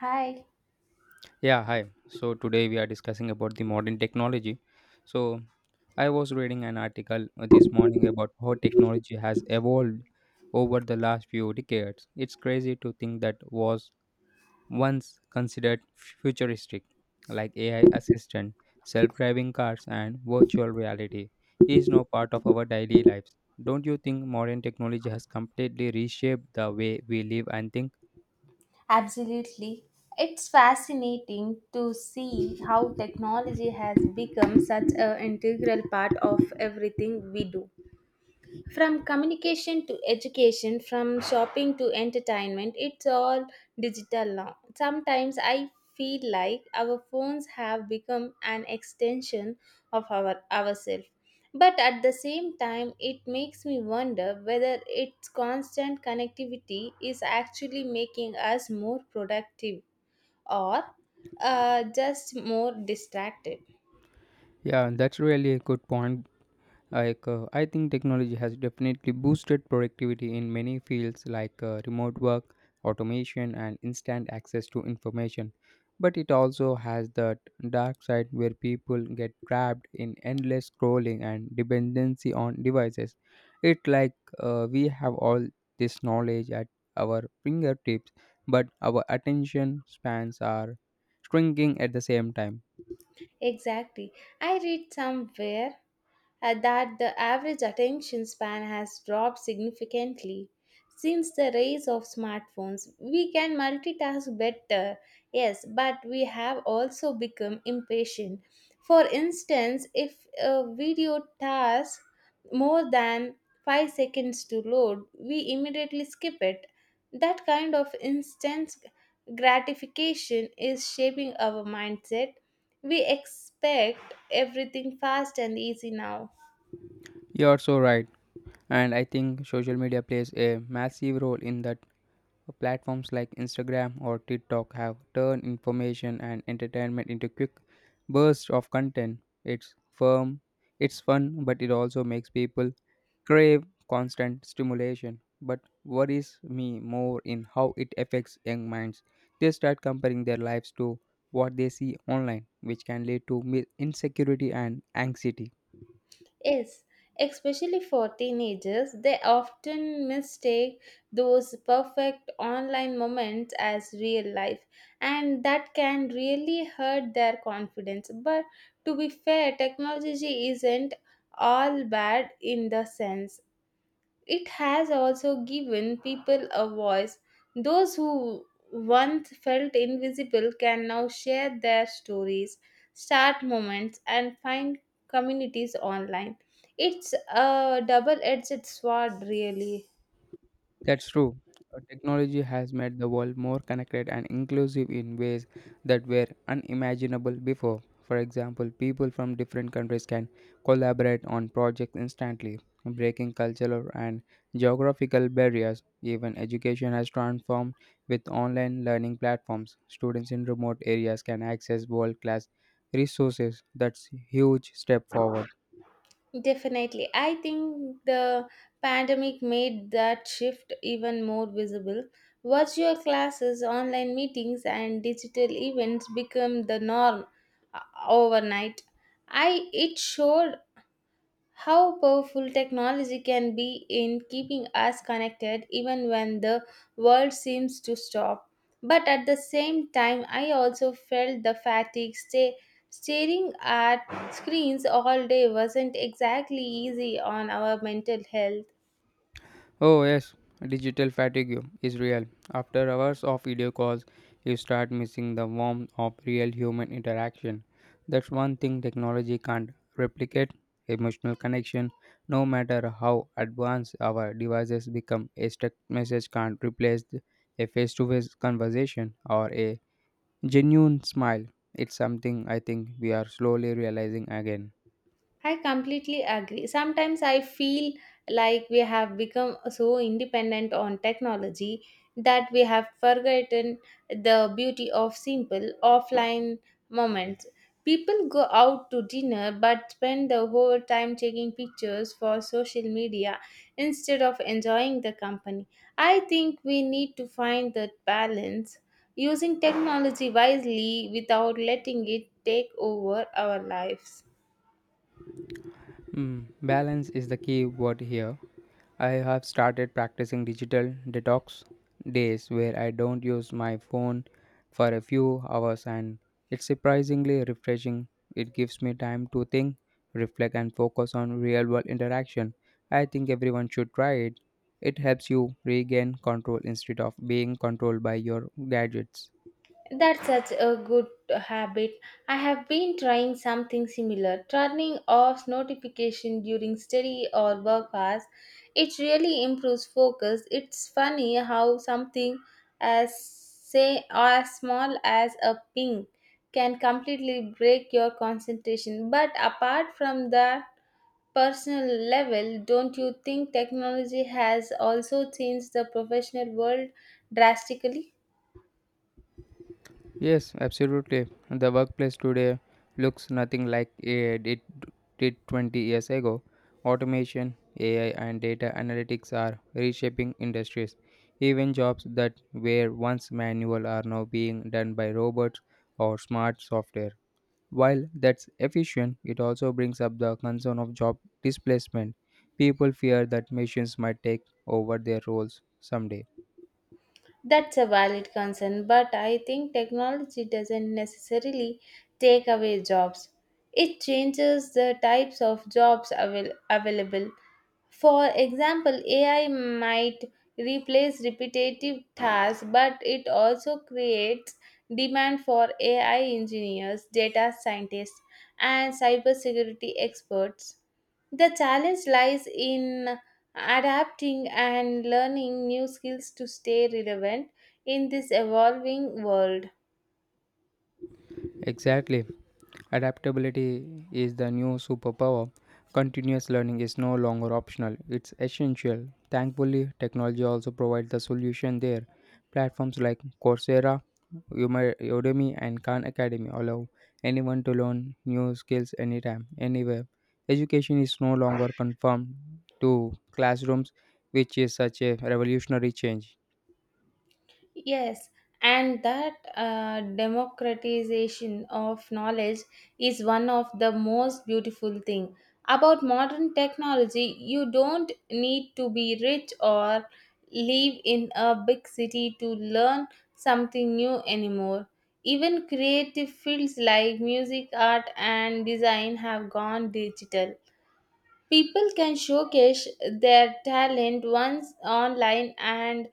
Hi, Yeah, hi. So today we are discussing about the modern technology. So I was reading an article this morning about how technology has evolved over the last few decades. It's crazy to think that was once considered futuristic, like AI assistant, self-driving cars, and virtual reality, is now part of our daily lives. Don't you think modern technology has completely reshaped the way we live and think? absolutely. It's fascinating to see how technology has become such an integral part of everything we do. From communication to education, from shopping to entertainment, it's all digital now. Sometimes I feel like our phones have become an extension of ourselves. But at the same time, it makes me wonder whether its constant connectivity is actually making us more productive or just more distracted. Yeah, that's really a good point. Like, I think technology has definitely boosted productivity in many fields like remote work, automation, and instant access to information. But it also has that dark side where people get trapped in endless scrolling and dependency on devices. It's like, we have all this knowledge at our fingertips, but our attention spans are shrinking at the same time. Exactly. I read somewhere that the average attention span has dropped significantly. Since the rise of smartphones, we can multitask better, yes, but we have also become impatient. For instance, if a video takes more than 5 seconds to load, we immediately skip it. That kind of instant gratification is shaping our mindset. We expect everything fast and easy now. You're so right. And I think social media plays a massive role in that. Platforms like Instagram or TikTok have turned information and entertainment into quick bursts of content. It's firm, it's fun, but it also makes people crave constant stimulation. But worries me more in how it affects young minds. They start comparing their lives to what they see online, which can lead to insecurity and anxiety. Yes, especially for teenagers, they often mistake those perfect online moments as real life, and that can really hurt their confidence. But to be fair, technology isn't all bad in the sense it has also given people a voice. Those who once felt invisible can now share their stories, start moments, and find communities online. It's a double edged sword, really. That's true. Technology has made the world more connected and inclusive in ways that were unimaginable before. For example, people from different countries can collaborate on projects instantly, breaking cultural and geographical barriers. Even education has transformed with online learning platforms. Students in remote areas can access world class resources. That's a huge step forward. Definitely. I think the pandemic made that shift even more visible. Virtual classes, online meetings, and digital events become the norm uh, overnight. I it showed how powerful technology can be in keeping us connected even when the world seems to stop. But at the same time, I also felt the fatigue. Staring at screens all day wasn't exactly easy on our mental health. Oh, yes, digital fatigue is real. After hours of video calls, you start missing the warmth of real human interaction. That's one thing technology can't replicate, emotional connection, no matter how advanced our devices become. A text message can't replace a face to face conversation or a genuine smile. It's something I think we are slowly realizing again. I completely agree. Sometimes I feel like we have become so independent on technology that we have forgotten the beauty of simple offline moments. People go out to dinner but spend the whole time taking pictures for social media instead of enjoying the company. I think we need to find that balance using technology wisely without letting it take over our lives. Mm, balance is the key word here. I have started practicing digital detox days where I don't use my phone for a few hours, and it's surprisingly refreshing. It gives me time to think, reflect, and focus on real world interaction. I think everyone should try it. It helps you regain control instead of being controlled by your gadgets. That's such a good habit. I have been trying something similar, turning off notification during study or work hours. It really improves focus. It's funny how something as say as small as a ping can completely break your concentration. But apart from that personal level, don't you think technology has also changed the professional world drastically? Yes, absolutely. The workplace today looks nothing like it did 20 years ago. Automation, AI, and data analytics are reshaping industries. Even jobs that were once manual are now being done by robots or smart software. While that's efficient, it also brings up the concern of job displacement. People fear that machines might take over their roles someday. That's a valid concern, but I think technology doesn't necessarily take away jobs. It changes the types of jobs available. For example, AI might replace repetitive tasks, but it also creates demand for AI engineers, data scientists, and cybersecurity experts. The challenge lies in adapting and learning new skills to stay relevant in this evolving world. Exactly. Adaptability is the new superpower. Continuous learning is no longer optional, it's essential. Thankfully, technology also provides the solution there. Platforms like Coursera, Udemy, and Khan Academy allow anyone to learn new skills anytime, anywhere. Education is no longer confined to classrooms, which is such a revolutionary change. Yes, and that democratization of knowledge is one of the most beautiful thing about modern technology. You don't need to be rich or live in a big city to learn something new anymore. Even creative fields like music, art, and design have gone digital. People can showcase their talent once online and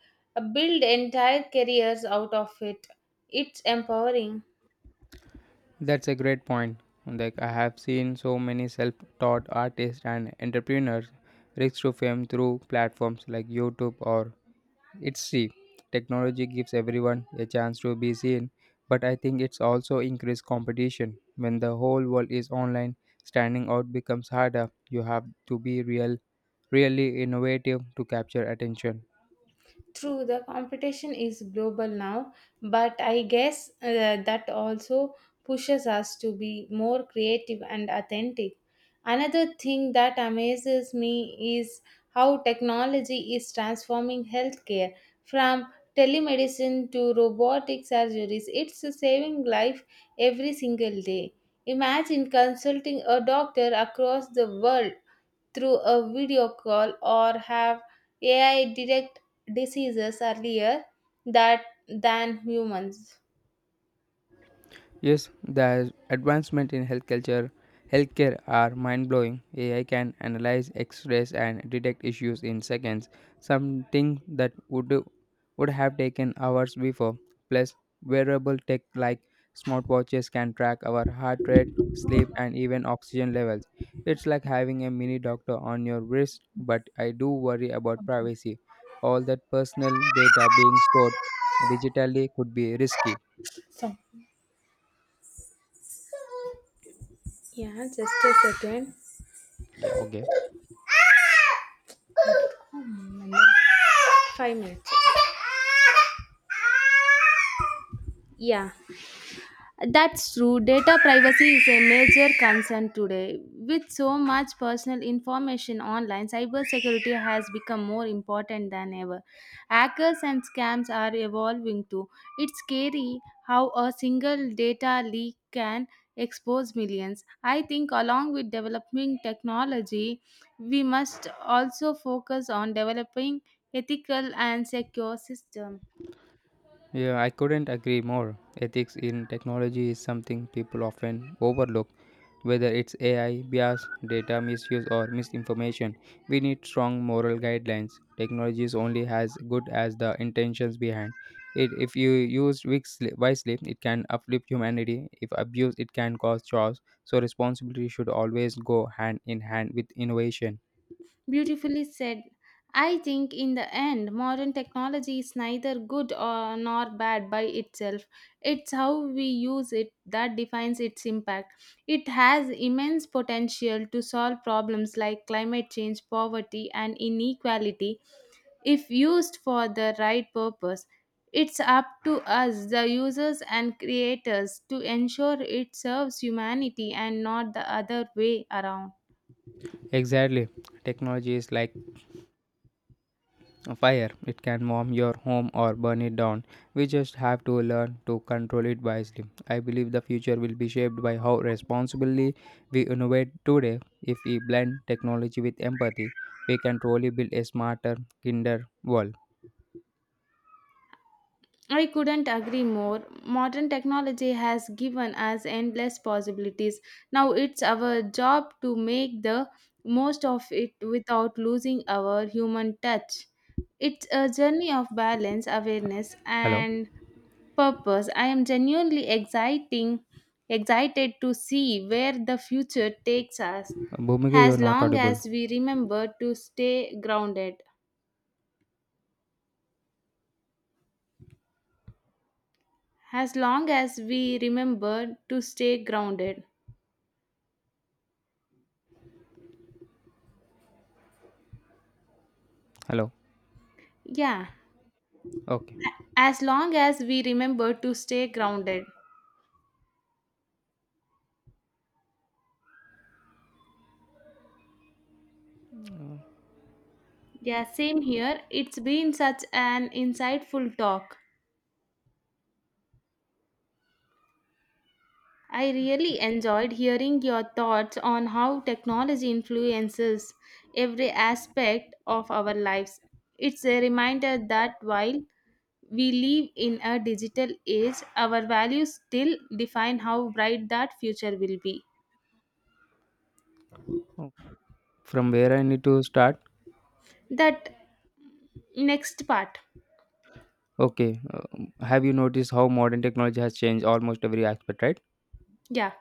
build entire careers out of it. It's empowering. That's a great point. Like I have seen so many self-taught artists and entrepreneurs reach to fame through platforms like YouTube or Etsy. Technology gives everyone a chance to be seen, but I think it's also increased competition. When the whole world is online, standing out becomes harder. You have to be real, really innovative to capture attention. True, the competition is global now, but I guess that also pushes us to be more creative and authentic. Another thing that amazes me is how technology is transforming healthcare from telemedicine to robotic surgeries. It's saving life every single day. Imagine consulting a doctor across the world through a video call or have AI detect diseases earlier that than humans. Yes, the advancement in healthcare are mind-blowing. AI can analyze X-rays and detect issues in seconds, something that would have taken hours before. Plus, wearable tech like smartwatches can track our heart rate, sleep, and even oxygen levels. It's like having a mini doctor on your wrist, but I do worry about privacy. All that personal data being stored digitally could be risky. So, yeah, just a second. Yeah, okay. 5 minutes. Yeah. That's true. Data privacy is a major concern today. With so much personal information online, cybersecurity has become more important than ever. Hackers and scams are evolving too. It's scary how a single data leak can expose millions. I think, along with developing technology, we must also focus on developing ethical and secure systems. Yeah, I couldn't agree more. Ethics in technology is something people often overlook. Whether it's AI, bias, data misuse, or misinformation, we need strong moral guidelines. Technology is only as good as the intentions behind it. If you use wisely, it can uplift humanity. If abused, it can cause chaos. So responsibility should always go hand in hand with innovation. Beautifully said. I think in the end, modern technology is neither good or nor bad by itself. It's how we use it that defines its impact. It has immense potential to solve problems like climate change, poverty, and inequality if used for the right purpose. It's up to us, the users and creators, to ensure it serves humanity and not the other way around. Exactly. Technology is like a fire, it can warm your home or burn it down. We just have to learn to control it wisely. I believe the future will be shaped by how responsibly we innovate today. If we blend technology with empathy, we can truly build a smarter, kinder world. I couldn't agree more. Modern technology has given us endless possibilities. Now it's our job to make the most of it without losing our human touch. It's a journey of balance, awareness, Hello? and purpose. I am excited to see where the future takes us Bhumika, you're as not long audible. as we remember to stay grounded. As long as we remember to stay grounded. Hello? Yeah, Okay. as long as we remember to stay grounded. Uh, Yeah, same here. It's been such an insightful talk. I really enjoyed hearing your thoughts on how technology influences every aspect of our lives. It's a reminder that while we live in a digital age, our values still define how bright that future will be. oh, from where I need to start? That next part. Okay. Have you noticed how modern technology has changed almost every aspect, right? Yeah.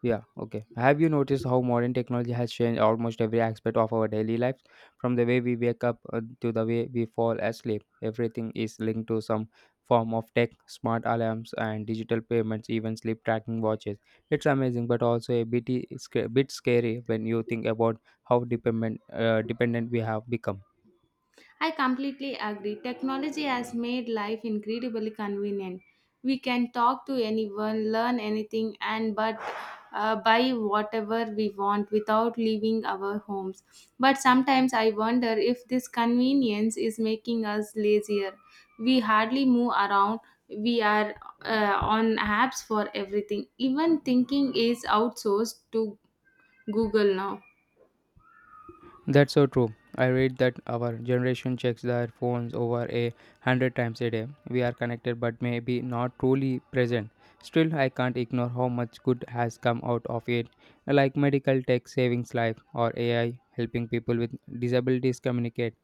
Yeah, okay. Have you noticed how modern technology has changed almost every aspect of our daily lives? From the way we wake up to the way we fall asleep, everything is linked to some form of tech, smart alarms, and digital payments, even sleep tracking watches. It's amazing, but also bit scary when you think about how dependent we have become. I completely agree. Technology has made life incredibly convenient. We can talk to anyone, learn anything, and but buy whatever we want without leaving our homes. But sometimes I wonder if this convenience is making us lazier. We hardly move around. We are on apps for everything. Even thinking is outsourced to Google now. That's so true. I read that our generation checks their phones over 100 times a day. We are connected but maybe not truly present. Still, I can't ignore how much good has come out of it, like medical tech savings life or AI helping people with disabilities communicate.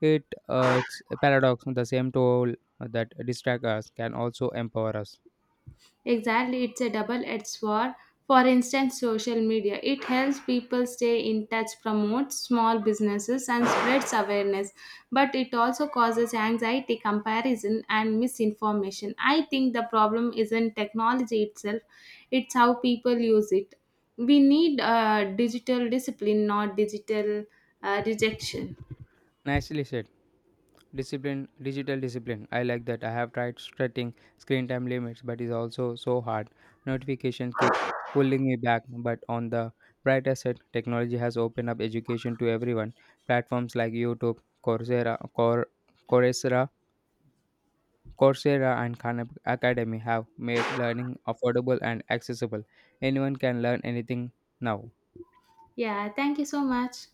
It's a paradox. The same tool that distracts us can also empower us. Exactly, it's a double-edged sword. For instance, social media. It helps people stay in touch, promotes small businesses, and spreads awareness. But it also causes anxiety, comparison, and misinformation. I think the problem isn't technology itself, it's how people use it. We need digital discipline, not digital rejection. Nicely said. Discipline, digital discipline. I like that. I have tried setting screen time limits, but it's also so hard. Notifications keep pulling me back. But on the brighter side, technology has opened up education to everyone. Platforms like YouTube, Coursera, Cor- Coursera, Coursera, and Khan Academy have made learning affordable and accessible. Anyone can learn anything now. Yeah, thank you so much.